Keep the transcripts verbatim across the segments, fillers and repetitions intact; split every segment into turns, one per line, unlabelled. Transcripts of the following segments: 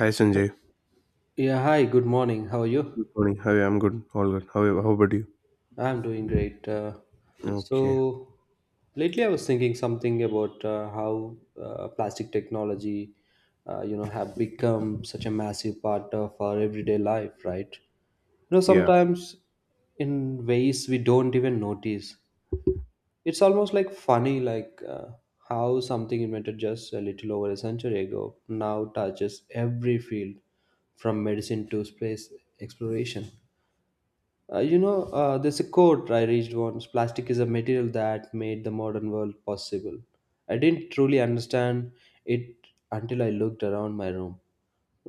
Hi Sanjay.
Yeah, hi, good morning. How are you?
Good morning. How are you? I'm good. All good. How, how about you?
I'm doing great. Uh,
Okay.
so, lately I was thinking something about uh, how uh, plastic technology, uh, you know, have become such a massive part of our everyday life, right? You know,
Yeah.
sometimes in ways we don't even notice. It's almost like funny, like uh, how something invented just a little over a century ago now touches every field from medicine to space exploration. Uh, you know, uh, there's a quote I reached once: plastic is a material that made the modern world possible. I didn't truly understand it until I looked around my room.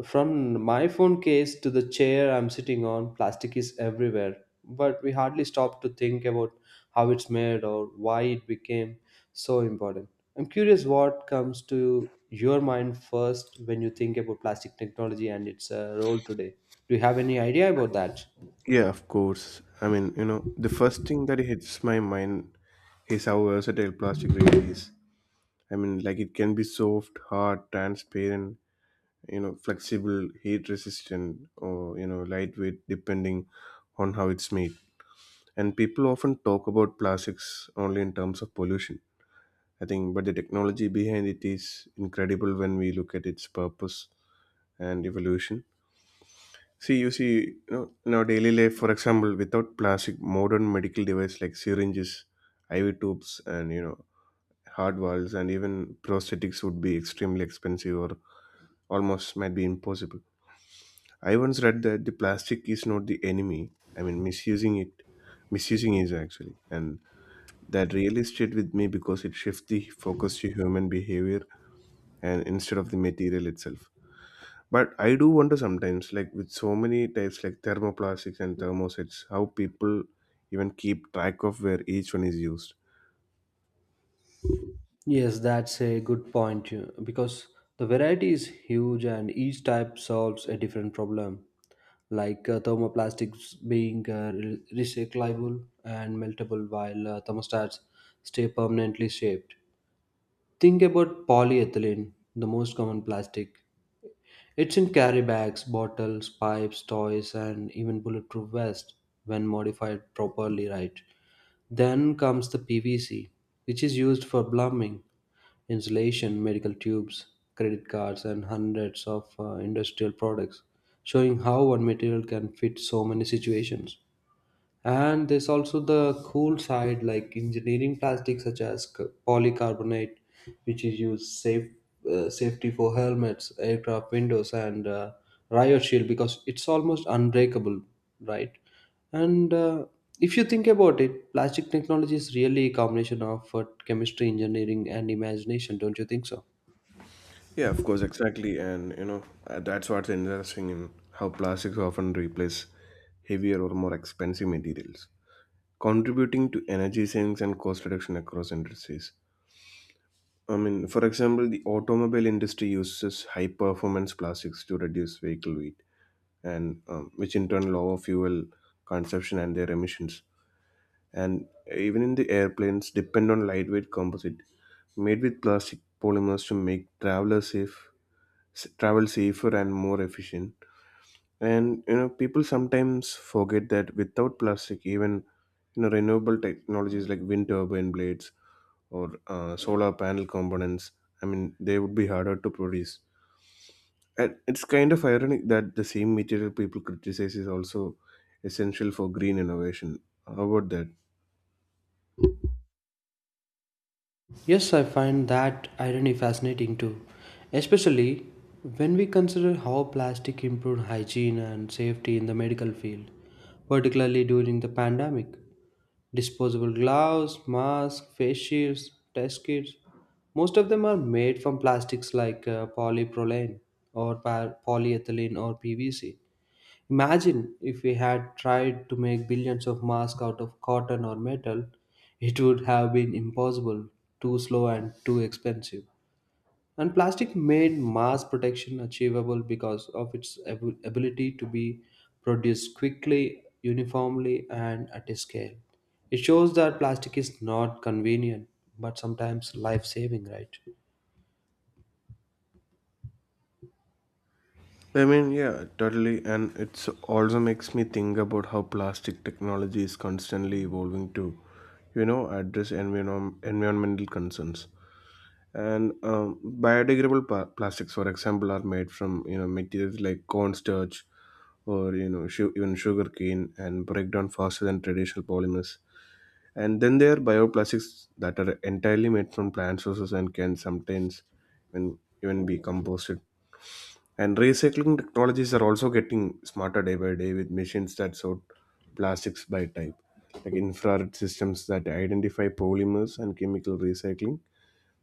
From my phone case to the chair I'm sitting on, plastic is everywhere, but we hardly stop to think about how it's made or why it became so important. I'm curious what comes to your mind first when you think about plastic technology and its uh, role today. Do you have any idea about that?
Yeah, of course. I mean, you know, the first thing that hits my mind is how versatile plastic really is. I mean, like it can be soft, hard, transparent, you know, flexible, heat resistant, or, you know, lightweight, depending on how it's made. And people often talk about plastics only in terms of pollution, I think, but the technology behind it is incredible when we look at its purpose and evolution. See, you see, you know, in our daily life, for example, without plastic, modern medical devices like syringes, I V tubes, and you know, heart valves, and even prosthetics would be extremely expensive or almost might be impossible. I once read that the plastic is not the enemy. I mean, misusing it, misusing is actually, and that really stayed with me because it shifts the focus to human behavior and instead of the material itself. But I do wonder sometimes, like with so many types like thermoplastics and thermosets, how people even keep track of where each one is used.
Yes, that's a good point you- because the variety is huge and each type solves a different problem. Like uh, thermoplastics being uh, re- recyclable and meltable, while uh, thermostats stay permanently shaped. Think about polyethylene, the most common plastic. It's in carry bags, bottles, pipes, toys, and even bulletproof vest when modified properly, right? Then comes the P V C, which is used for plumbing, insulation, medical tubes, credit cards, and hundreds of uh, industrial products, showing how one material can fit so many situations. And there's also the cool side, like engineering plastics such as c- polycarbonate, which is used safe uh, safety for helmets, aircraft windows, and uh, riot shield because it's almost unbreakable, right? And uh, if you think about it, plastic technology is really a combination of uh, chemistry, engineering, and imagination. Don't you think so?
Yeah, of course, exactly. And you know, uh, that's what's interesting in how plastics often replace heavier or more expensive materials, contributing to energy savings and cost reduction across industries. I mean, for example, the automobile industry uses high performance plastics to reduce vehicle weight, and um, which in turn lower fuel consumption and their emissions. And even in the airplanes depend on lightweight composite made with plastic polymers to make traveler safe s- travel safer and more efficient. And you know people sometimes forget that without plastic even you know renewable technologies like wind turbine blades or uh, solar panel components, I mean they would be harder to produce, and it's kind of ironic that the same material people criticize is also essential for green innovation. How about that?
Yes, I find that irony fascinating too, especially when we consider how plastic improved hygiene and safety in the medical field, particularly during the pandemic. Disposable gloves, masks, face shields, test kits, most of them are made from plastics like uh, polypropylene or pa- polyethylene or P V C. Imagine if we had tried to make billions of masks out of cotton or metal, it would have been impossible, too slow and too expensive. And plastic made mass protection achievable because of its ab- ability to be produced quickly, uniformly, and at a scale. It shows that plastic is not convenient, but sometimes life saving, right?
I mean, yeah, totally. And it's also makes me think about how plastic technology is constantly evolving to, you know, address environ- environmental concerns. And um, biodegradable pa- plastics, for example, are made from, you know, materials like cornstarch or, you know, su- even sugarcane, and break down faster than traditional polymers. And then there are bioplastics that are entirely made from plant sources and can sometimes even, even be composted. And recycling technologies are also getting smarter day by day, with machines that sort plastics by type, like infrared systems that identify polymers, and chemical recycling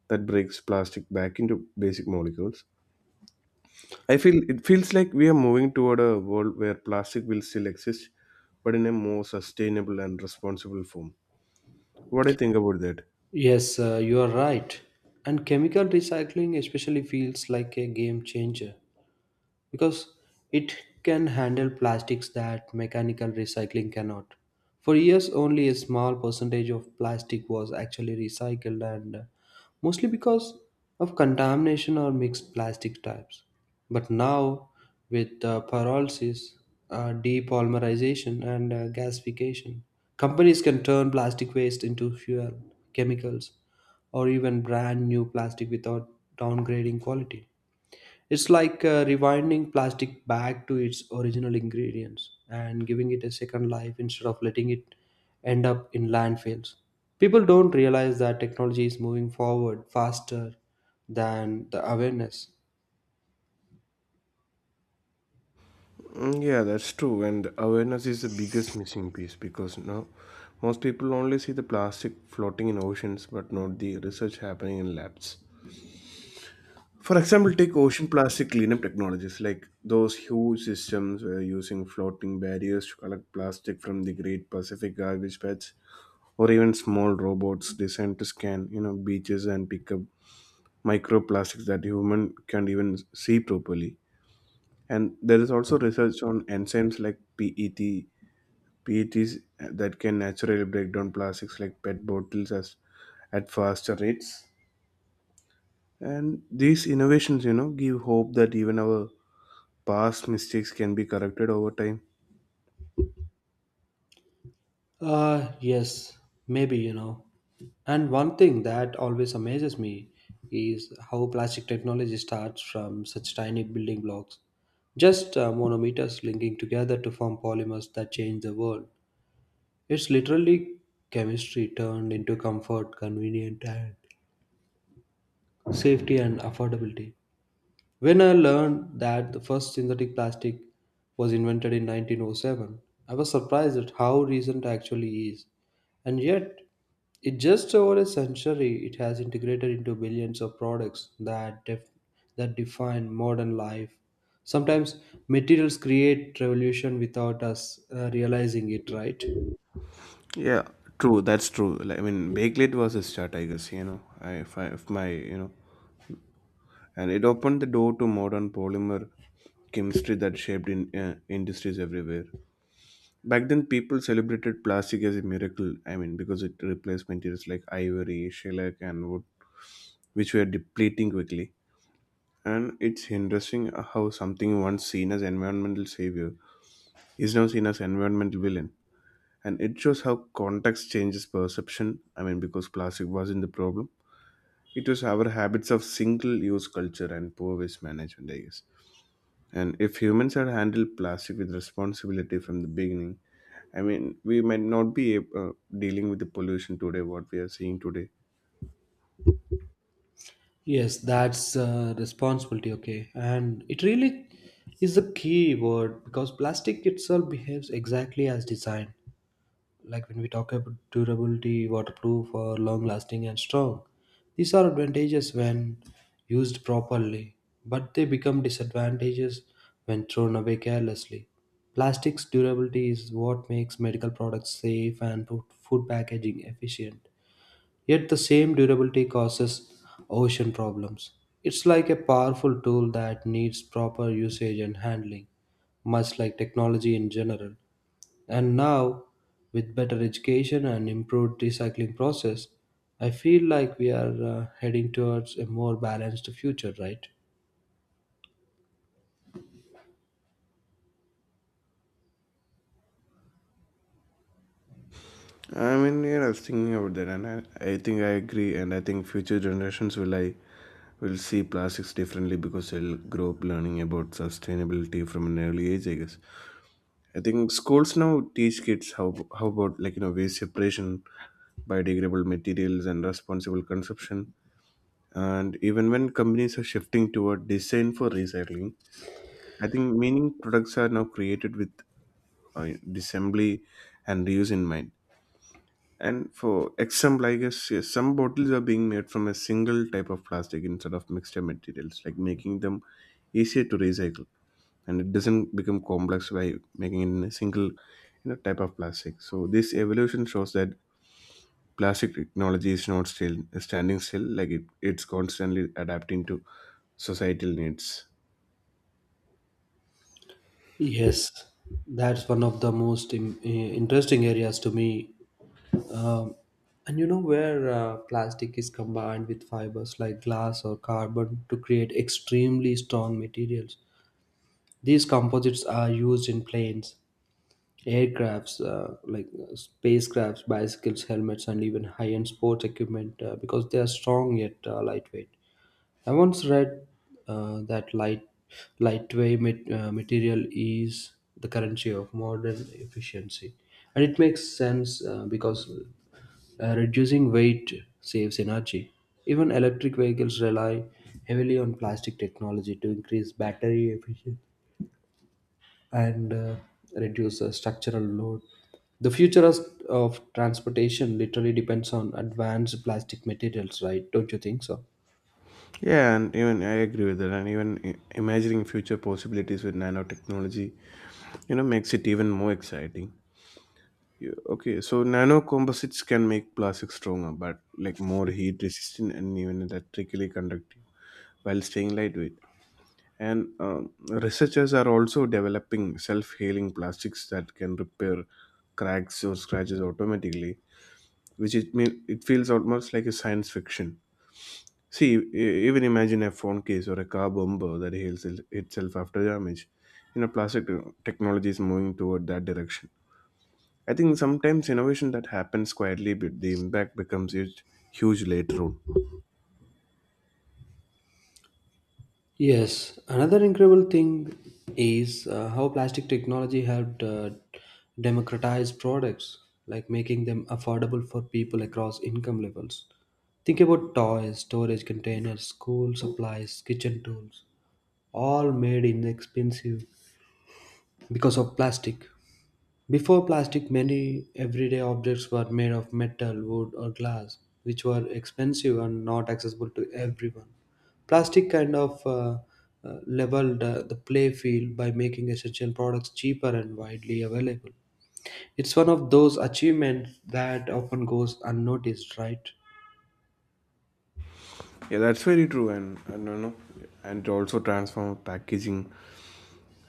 that breaks plastic back into basic molecules. I feel it feels like we are moving toward a world where plastic will still exist, but in a more sustainable and responsible form. What do you think about that?
Yes, uh, you are right. And chemical recycling especially feels like a game changer, because it can handle plastics that mechanical recycling cannot. For years, only a small percentage of plastic was actually recycled, and uh, mostly because of contamination or mixed plastic types. But now, with uh, pyrolysis, uh, depolymerization, and uh, gasification, companies can turn plastic waste into fuel, chemicals, or even brand new plastic without downgrading quality. It's like uh, rewinding plastic back to its original ingredients and giving it a second life instead of letting it end up in landfills. People don't realize that technology is moving forward faster than the awareness.
Mm, yeah, that's true. And awareness is the biggest missing piece because now most people only see the plastic floating in oceans but not the research happening in labs. For example, take ocean plastic cleanup technologies like those huge systems where using floating barriers to collect plastic from the Great Pacific garbage patch, or even small robots designed to scan, you know, beaches and pick up microplastics that human can't even see properly. And there is also research on enzymes like P E T P E Ts that can naturally break down plastics like P E T bottles as at faster rates. And these innovations, you know, give hope that even our past mistakes can be corrected over time.
Uh, yes, maybe, you know. And one thing that always amazes me is how plastic technology starts from such tiny building blocks, just uh, monometers linking together to form polymers that change the world. It's literally chemistry turned into comfort, convenient, and safety and affordability. When I learned that the first synthetic plastic was invented in nineteen oh seven, I was surprised at how recent actually is. And yet, in just over a century, it has integrated into billions of products that def- that define modern life. Sometimes materials create revolution without us uh, realizing it, right?
Yeah, true. That's true. Like, I mean, Bakelite was a start, I guess. You know, I, if, I, if my you know, and it opened the door to modern polymer chemistry that shaped in uh, industries everywhere. Back then, people celebrated plastic as a miracle. I mean, because it replaced materials like ivory, shellac, and wood, which were depleting quickly. And it's interesting how something once seen as environmental savior is now seen as environmental villain. And it shows how context changes perception. I mean, because plastic wasn't the problem, it was our habits of single-use culture and poor waste management, I guess. And if humans had handled plastic with responsibility from the beginning, I mean, we might not be uh, dealing with the pollution today, what we are seeing today.
Yes, that's uh, responsibility. Okay, and it really is a key word because plastic itself behaves exactly as designed. Like when we talk about durability, waterproof, or long-lasting and strong, these are advantages when used properly, but they become disadvantages when thrown away carelessly. Plastic's durability is what makes medical products safe and food food packaging efficient. Yet the same durability causes ocean problems. It's like a powerful tool that needs proper usage and handling, much like technology in general. And now, with better education and improved recycling process, I feel like we are uh, heading towards a more balanced future, right?
I mean, yeah, I was thinking about that, and I, I think I agree, and I think future generations will I will see plastics differently because they'll grow up learning about sustainability from an early age, I guess. I think schools now teach kids how how about like you know waste separation, biodegradable materials, and responsible consumption. And even when companies are shifting toward design for recycling, I think meaning products are now created with uh, disassembly and reuse in mind. And for example, I guess yes, some bottles are being made from a single type of plastic instead of mixture materials, like making them easier to recycle, and it doesn't become complex by making it in a single you know type of plastic. So this evolution shows that plastic technology is not still standing still; like it, it's constantly adapting to societal needs.
Yes, that's one of the most im- eh, interesting areas to me. Um, and you know where uh, plastic is combined with fibers like glass or carbon to create extremely strong materials. These composites are used in planes, aircrafts, uh, like uh, spacecrafts, bicycles, helmets, and even high-end sports equipment uh, because they are strong yet uh, lightweight. I once read uh, that light, lightweight mat- uh, material is the currency of modern efficiency, and it makes sense uh, because uh, reducing weight saves energy. Even electric vehicles rely heavily on plastic technology to increase battery efficiency and uh, reduce uh, structural load. The future of of transportation literally depends on advanced plastic materials, right? Don't you think so?
Yeah, and even I agree with that. And even i- imagining future possibilities with nanotechnology, you know, makes it even more exciting. You, okay, so nano composites can make plastic stronger, but like more heat resistant and even electrically conductive while staying lightweight. And um, researchers are also developing self healing plastics that can repair cracks or scratches automatically, which it mean it feels almost like a science fiction. See, e- even imagine a phone case or a car bumper that heals it- itself after damage. You know, plastic te- technology is moving toward that direction. I think sometimes innovation that happens quietly, but the impact becomes huge, huge later on.
Yes, another incredible thing is uh, how plastic technology helped uh, democratize products, like making them affordable for people across income levels. Think about toys, storage containers, school supplies, kitchen tools, all made inexpensive because of plastic. Before plastic, many everyday objects were made of metal, wood, or glass, which were expensive and not accessible to everyone. Plastic kind of uh, uh, leveled uh, the play field by making essential products cheaper and widely available. It's one of those achievements that often goes unnoticed, right?
Yeah, that's very true, and and you know, and also transform packaging.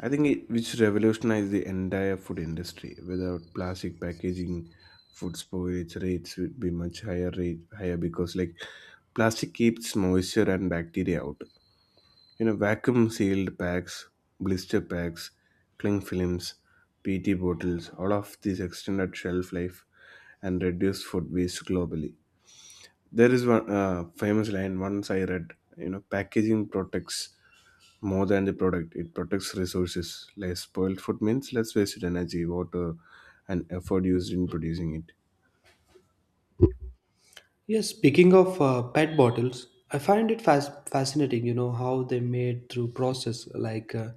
I think it, which revolutionized the entire food industry. Without plastic packaging, food spoilage rates would be much higher rate higher because like plastic keeps moisture and bacteria out. You know, vacuum sealed packs, blister packs, cling films, P E T bottles, all of these extended shelf life and reduce food waste globally. There is one uh, famous line once I read, you know, packaging protects more than the product, it protects resources. Less spoiled food means less wasted energy, water, and effort used in producing it.
Yes, speaking of uh, P E T bottles, I find it fas- fascinating, you know, how they made through process like uh,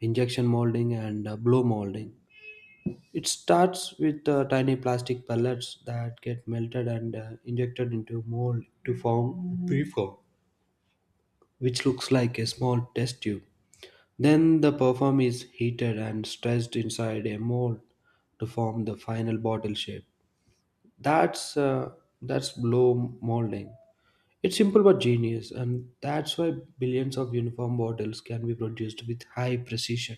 injection molding and uh, blow molding. It starts with uh, tiny plastic pellets that get melted and uh, injected into mold to form preform, which looks like a small test tube. Then the perfume is heated and stretched inside a mold to form the final bottle shape. That's uh, that's blow molding. It's simple but genius, and that's why billions of uniform bottles can be produced with high precision.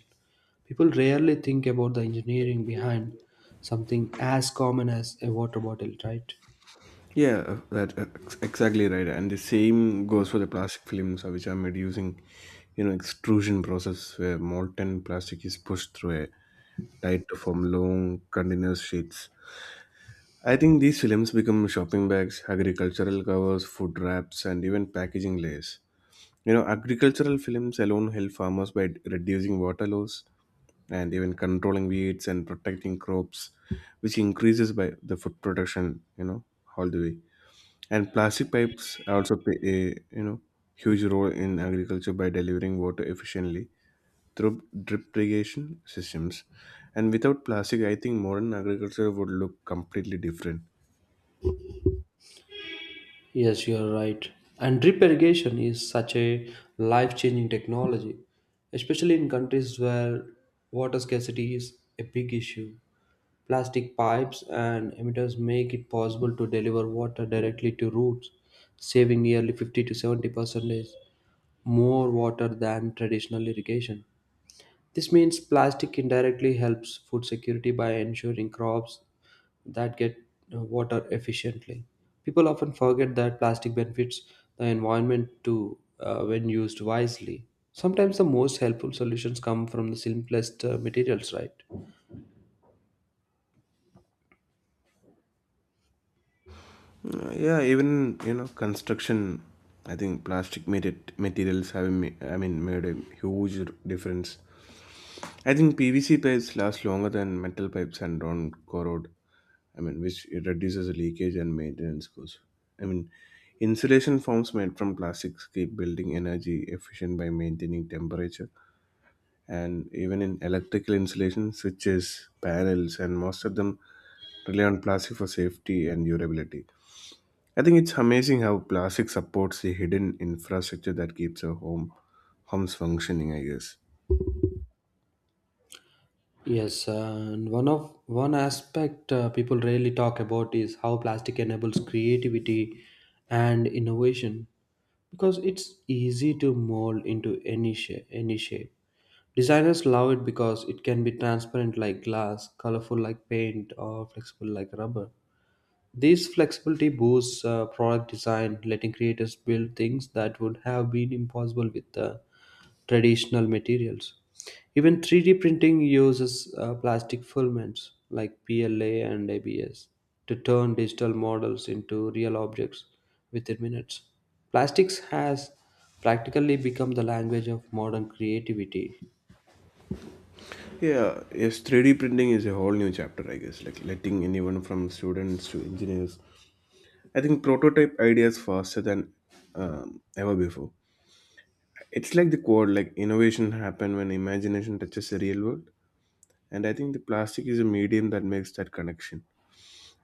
People rarely think about the engineering behind something as common as a water bottle, right?
Yeah, uh, that uh, ex- exactly right. And the same goes for the plastic films, uh, which are made using, you know, extrusion process where molten plastic is pushed through a tight to form long continuous sheets. I think these films become shopping bags, agricultural covers, food wraps, and even packaging layers. You know, agricultural films alone help farmers by reducing water loss and even controlling weeds and protecting crops, which increases by the food production. You know, all the way. And plastic pipes also play a you know huge role in agriculture by delivering water efficiently through drip irrigation systems. And without plastic, I think modern agriculture would look completely different.
Yes, you are right. And drip irrigation is such a life changing technology, especially in countries where water scarcity is a big issue. Plastic pipes and emitters make it possible to deliver water directly to roots, saving nearly fifty to seventy percent more water than traditional irrigation. This means plastic indirectly helps food security by ensuring crops that get uh, water efficiently. People often forget that plastic benefits the environment too uh, when used wisely. Sometimes the most helpful solutions come from the simplest uh, materials, right?
Uh, yeah, even you know construction. I think plastic made materials have ma- I mean made a huge difference. I think P V C pipes last longer than metal pipes and don't corrode, I mean, which it reduces leakage and maintenance costs. I mean, insulation forms made from plastics keep building energy efficient by maintaining temperature. And even in electrical insulation, switches, panels, and most of them rely on plastic for safety and durability. I think it's amazing how plastic supports the hidden infrastructure that keeps our home homes functioning, I guess.
Yes, uh, and one of one aspect uh, people rarely talk about is how plastic enables creativity and innovation because it's easy to mold into any shape, any shape Designers love it because it can be transparent like glass, colorful like paint, or flexible like rubber. This flexibility boosts uh, product design, letting creators build things that would have been impossible with uh, traditional materials. Even three D printing uses uh, plastic filaments like P L A and A B S to turn digital models into real objects within minutes. Plastics has practically become the language of modern creativity.
Yeah, yes, three D printing is a whole new chapter, I guess. Like letting anyone from students to engineers, I think prototype ideas faster than um, ever before. It's like the quote, like innovation happen when imagination touches the real world. And I think the plastic is a medium that makes that connection.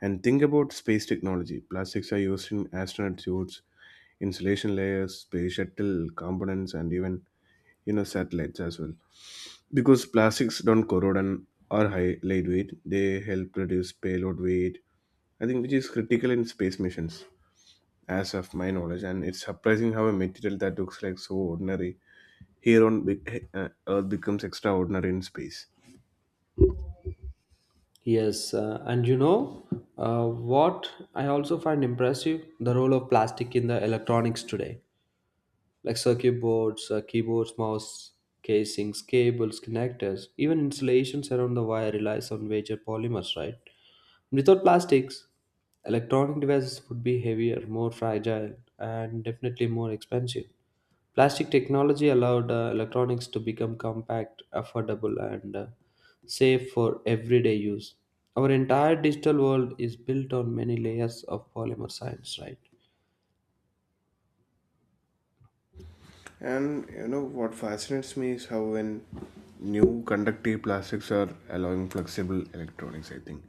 And think about space technology. Plastics are used in astronaut suits, insulation layers, space shuttle components, and even you know satellites as well. Because plastics don't corrode and are high lightweight, they help reduce payload weight, I think, which is critical in space missions. As of my knowledge, and it's surprising how a material that looks like so ordinary here on be- uh, earth becomes extraordinary in space.
Yes, uh, and you know uh, what I also find impressive the role of plastic in the electronics today, like circuit boards, uh, keyboards, mouse casings, cables, connectors, even installations around the wire relies on major polymers, right? Without plastics, electronic devices would be heavier, more fragile, and definitely more expensive. Plastic technology allowed uh, electronics to become compact, affordable, and uh, safe for everyday use. Our entire digital world is built on many layers of polymer science, right?
And you know what fascinates me is how when new conductive plastics are allowing flexible electronics, I think,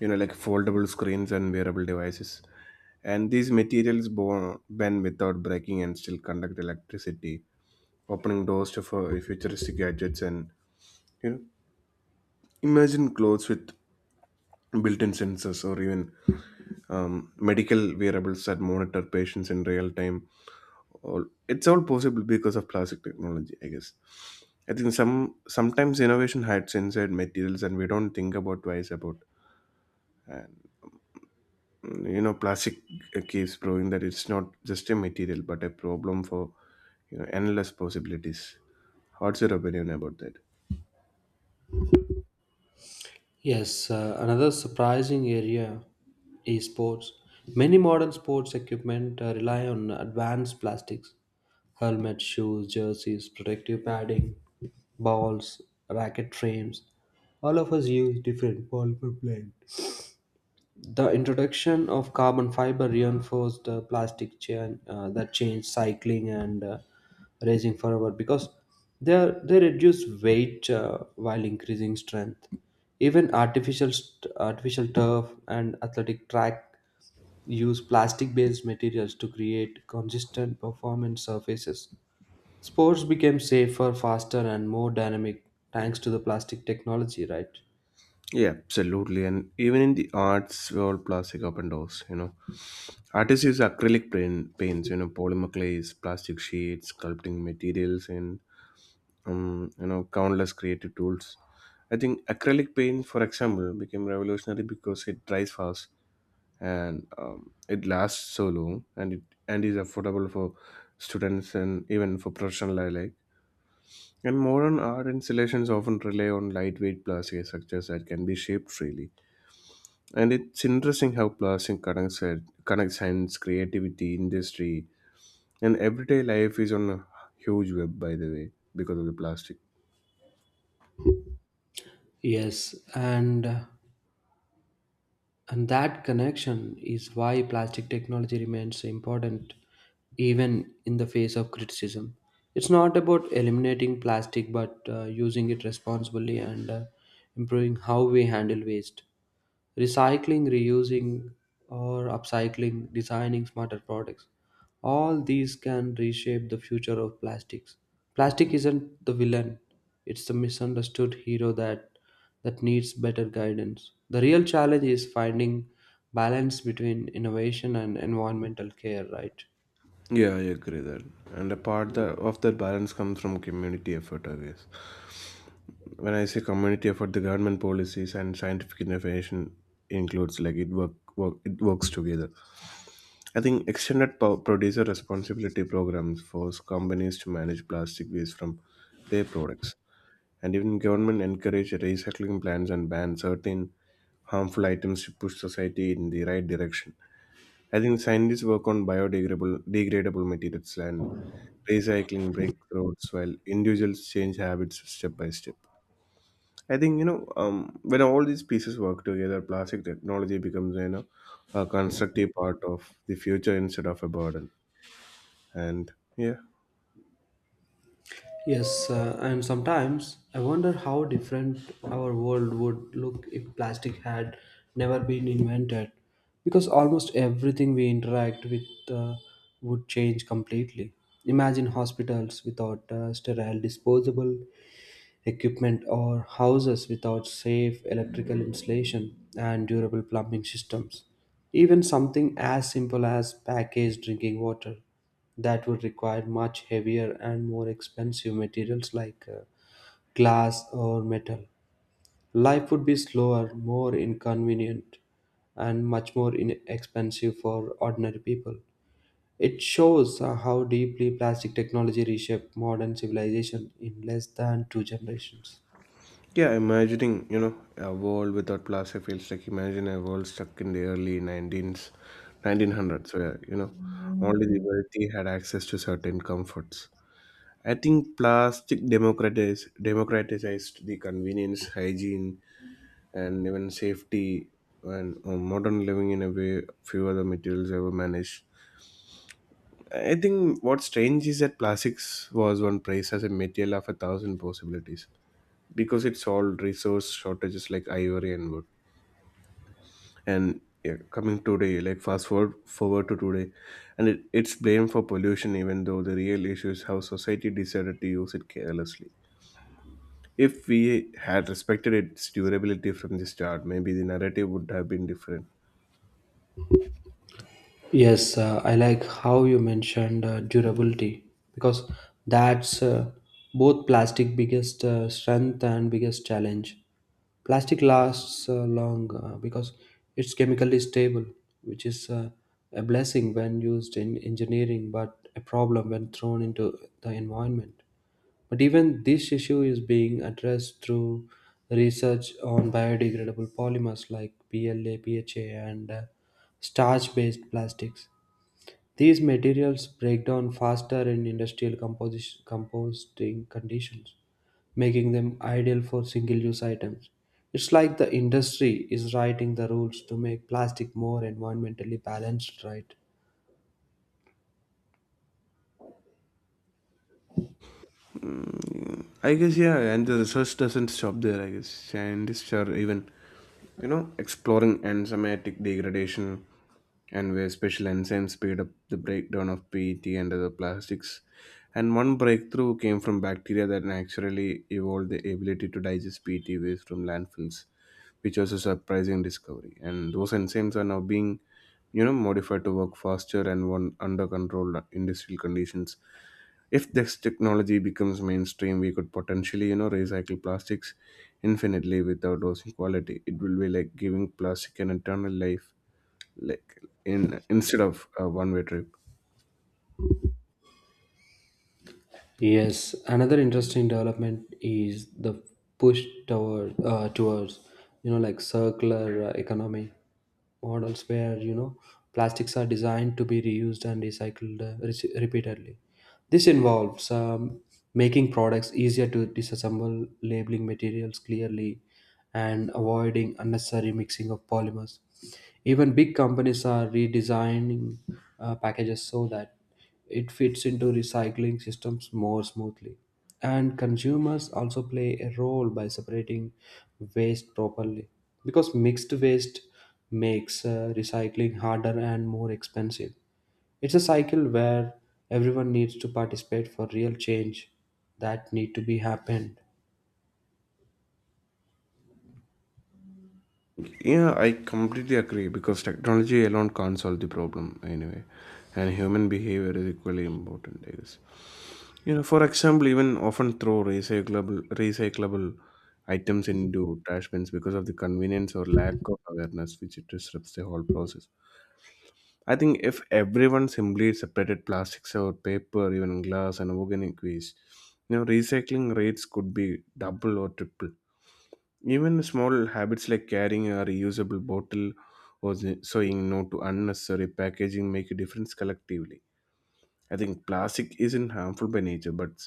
you know, like foldable screens and wearable devices. And these materials bo- bend without breaking and still conduct electricity, opening doors to fu- futuristic gadgets. And you know, imagine clothes with built-in sensors, or even um, medical wearables that monitor patients in real time. All it's all possible because of plastic technology, I guess. I think some sometimes innovation hides inside materials, and we don't think about twice about. And mm, you know, plastic uh, keeps proving that it's not just a material, but a problem for you know endless possibilities. What's your opinion about that?
Yes, uh, another surprising area is sports. Many modern sports equipment uh, rely on advanced plastics: helmets, shoes, jerseys, protective padding, balls, racket frames. All of us use different polymer blends. The introduction of carbon fiber reinforced uh, plastic chain uh, that changed cycling and uh, racing forever because they are, they reduce weight uh, while increasing strength. Even artificial st- artificial turf and athletic track use plastic-based materials to create consistent performance surfaces. Sports became safer, faster, and more dynamic thanks to the plastic technology, right?
Yeah, absolutely. And even in the arts, we all plastic up and doors, you know. Artists use acrylic paint, paints, you know, polymer clays, plastic sheets, sculpting materials, and, um, you know, countless creative tools. I think acrylic paint, for example, became revolutionary because it dries fast and um, it lasts so long and it and is affordable for students and even for professional alike. And modern art installations often rely on lightweight plastic structures that can be shaped freely, and it's interesting how plastic connects, connects science, creativity, industry, and everyday life is on a huge web, by the way, because of the plastic.
Yes, and. And that connection is why plastic technology remains so important even in the face of criticism. It's not about eliminating plastic but uh, using it responsibly and uh, improving how we handle waste. Recycling, reusing, or upcycling, designing smarter products. All these can reshape the future of plastics. Plastic isn't the villain, it's the misunderstood hero that that needs better guidance. The real challenge is finding balance between innovation and environmental care, right?
Yeah, I agree that. And a part that, of that balance comes from community effort, I guess. When I say community effort, the government policies and scientific innovation includes like it work, work it works together. I think extended po- producer responsibility programs force companies to manage plastic waste from their products. And even government encourage recycling plans and ban certain harmful items to push society in the right direction. I think scientists work on biodegradable degradable materials and recycling breakthroughs while individuals change habits step by step. I think you know um, when all these pieces work together, plastic technology becomes, you know a constructive part of the future instead of a burden. And yeah.
Yes, uh, and sometimes I wonder how different our world would look if plastic had never been invented, because almost everything we interact with uh, would change completely. Imagine hospitals without uh, sterile disposable equipment or houses without safe electrical insulation and durable plumbing systems. Even something as simple as packaged drinking water that would require much heavier and more expensive materials like uh, glass or metal. Life would be slower, more inconvenient, and much more inexpensive for ordinary people. It shows uh, how deeply plastic technology reshaped modern civilization in less than two generations.
Yeah, imagining, you know, a world without plastic feels like imagine a world stuck in the early nineteens, nineteen hundreds, where, you know, only the wealthy had access to certain comforts. I think plastic democratize, democratized the convenience, hygiene, and even safety and uh, modern living in a way few other materials ever managed. I think what's strange is that plastics was one praised as a material of a thousand possibilities because it solved resource shortages like ivory and wood. And yeah, coming today like fast forward forward to today and it, it's blamed for pollution, even though the real issue is how society decided to use it carelessly. If we had respected its durability from the start, maybe the narrative would have been different.
Yes, uh, I like how you mentioned uh, durability because that's uh, both plastic biggest uh, strength and biggest challenge. Plastic lasts uh, long uh, because it's chemically stable, which is uh, a blessing when used in engineering, but a problem when thrown into the environment. But even this issue is being addressed through research on biodegradable polymers like P L A, P H A, and uh, starch based plastics. These materials break down faster in industrial composi- composting conditions, making them ideal for single use items. It's like the industry is writing the rules to make plastic more environmentally balanced, right?
I guess. Yeah, and the research doesn't stop there. I guess scientists are even, you know exploring enzymatic degradation and where special enzymes speed up the breakdown of P E T and other plastics. And one breakthrough came from bacteria that naturally evolved the ability to digest P E T waste from landfills, which was a surprising discovery. And those enzymes are now being, you know, modified to work faster and one under controlled industrial conditions. If this technology becomes mainstream, we could potentially, you know, recycle plastics infinitely without losing quality. It will be like giving plastic an eternal life, like in instead of a one way trip.
Yes, another interesting development is the push toward uh, towards you know like circular uh, economy models where you know plastics are designed to be reused and recycled uh, re- repeatedly. This involves um, making products easier to disassemble, labeling materials clearly, and avoiding unnecessary mixing of polymers. Even big companies are redesigning uh, packages so that it fits into recycling systems more smoothly. And consumers also play a role by separating waste properly because mixed waste makes uh, recycling harder and more expensive. It's a cycle where everyone needs to participate for real change that need to be happened.
Yeah, I completely agree because technology alone can't solve the problem anyway, and human behavior is equally important, I guess. You know, for example, even often throw recyclable recyclable items into trash bins because of the convenience or lack of awareness, which it disrupts the whole process. I think if everyone simply separated plastics or paper, even glass and organic waste, you know, recycling rates could be double or triple. Even small habits like carrying a reusable bottle or s- saying no to unnecessary packaging make a difference collectively. I think plastic isn't harmful by nature, but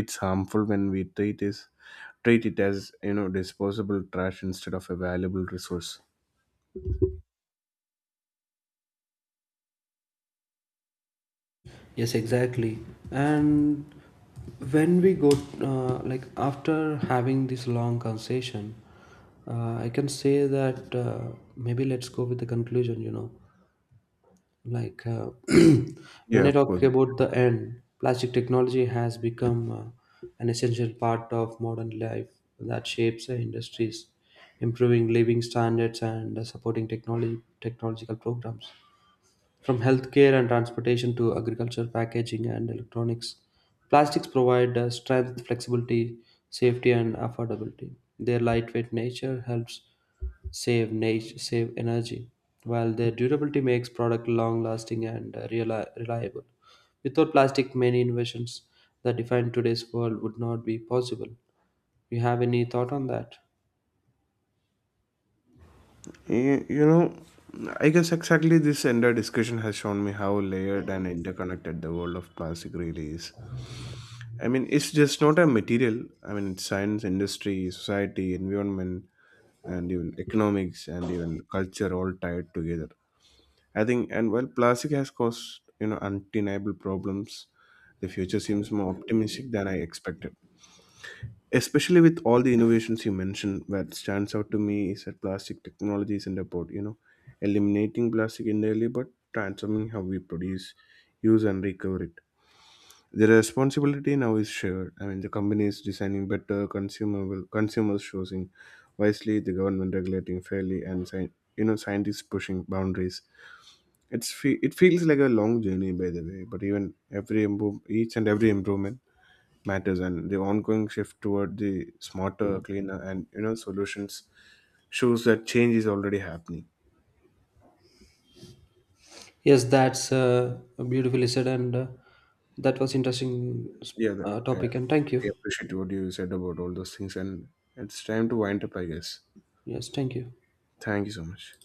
it's harmful when we treat it treat it as, you know, disposable trash instead of a valuable resource.
Yes, exactly. And when we go, uh, like after having this long conversation, uh, I can say that uh, maybe let's go with the conclusion. You know, like uh, when
Yeah,
I
of
talk
course.
about the end, plastic technology has become uh, an essential part of modern life that shapes uh, industries, improving living standards and uh, supporting technology technological programs. From healthcare and transportation to agriculture, packaging, and electronics, plastics provide uh, strength, flexibility, safety, and affordability. Their lightweight nature helps save nat- save energy, while their durability makes product long-lasting and uh, reali- reliable. Without plastic, many inventions that define today's world would not be possible. You have any thought on that?
Y- You know, I guess exactly this entire discussion has shown me how layered and interconnected the world of plastic really is. I mean, it's just not a material. I mean, it's science, industry, society, environment, and even economics and even culture all tied together. I think, and while plastic has caused, you know, undeniable problems, the future seems more optimistic than I expected, especially with all the innovations you mentioned. What stands out to me is that plastic technology isn't about, you know eliminating plastic entirely, but transforming how we produce, use, and recover it. The responsibility now is shared. I mean, the company is designing better consumable consumers choosing wisely, the government regulating fairly, and sci- you know scientists pushing boundaries. It's fe- it feels like a long journey, by the way. But even every improve, each and every improvement matters, and the ongoing shift toward the smarter, cleaner, and you know solutions shows that change is already happening.
Yes, that's uh, beautifully said, and uh, that was interesting
Yeah, that,
uh,
yeah,
topic. And thank you.
I appreciate what you said about all those things, and it's time to wind up, I guess.
Yes, thank you.
Thank you so much.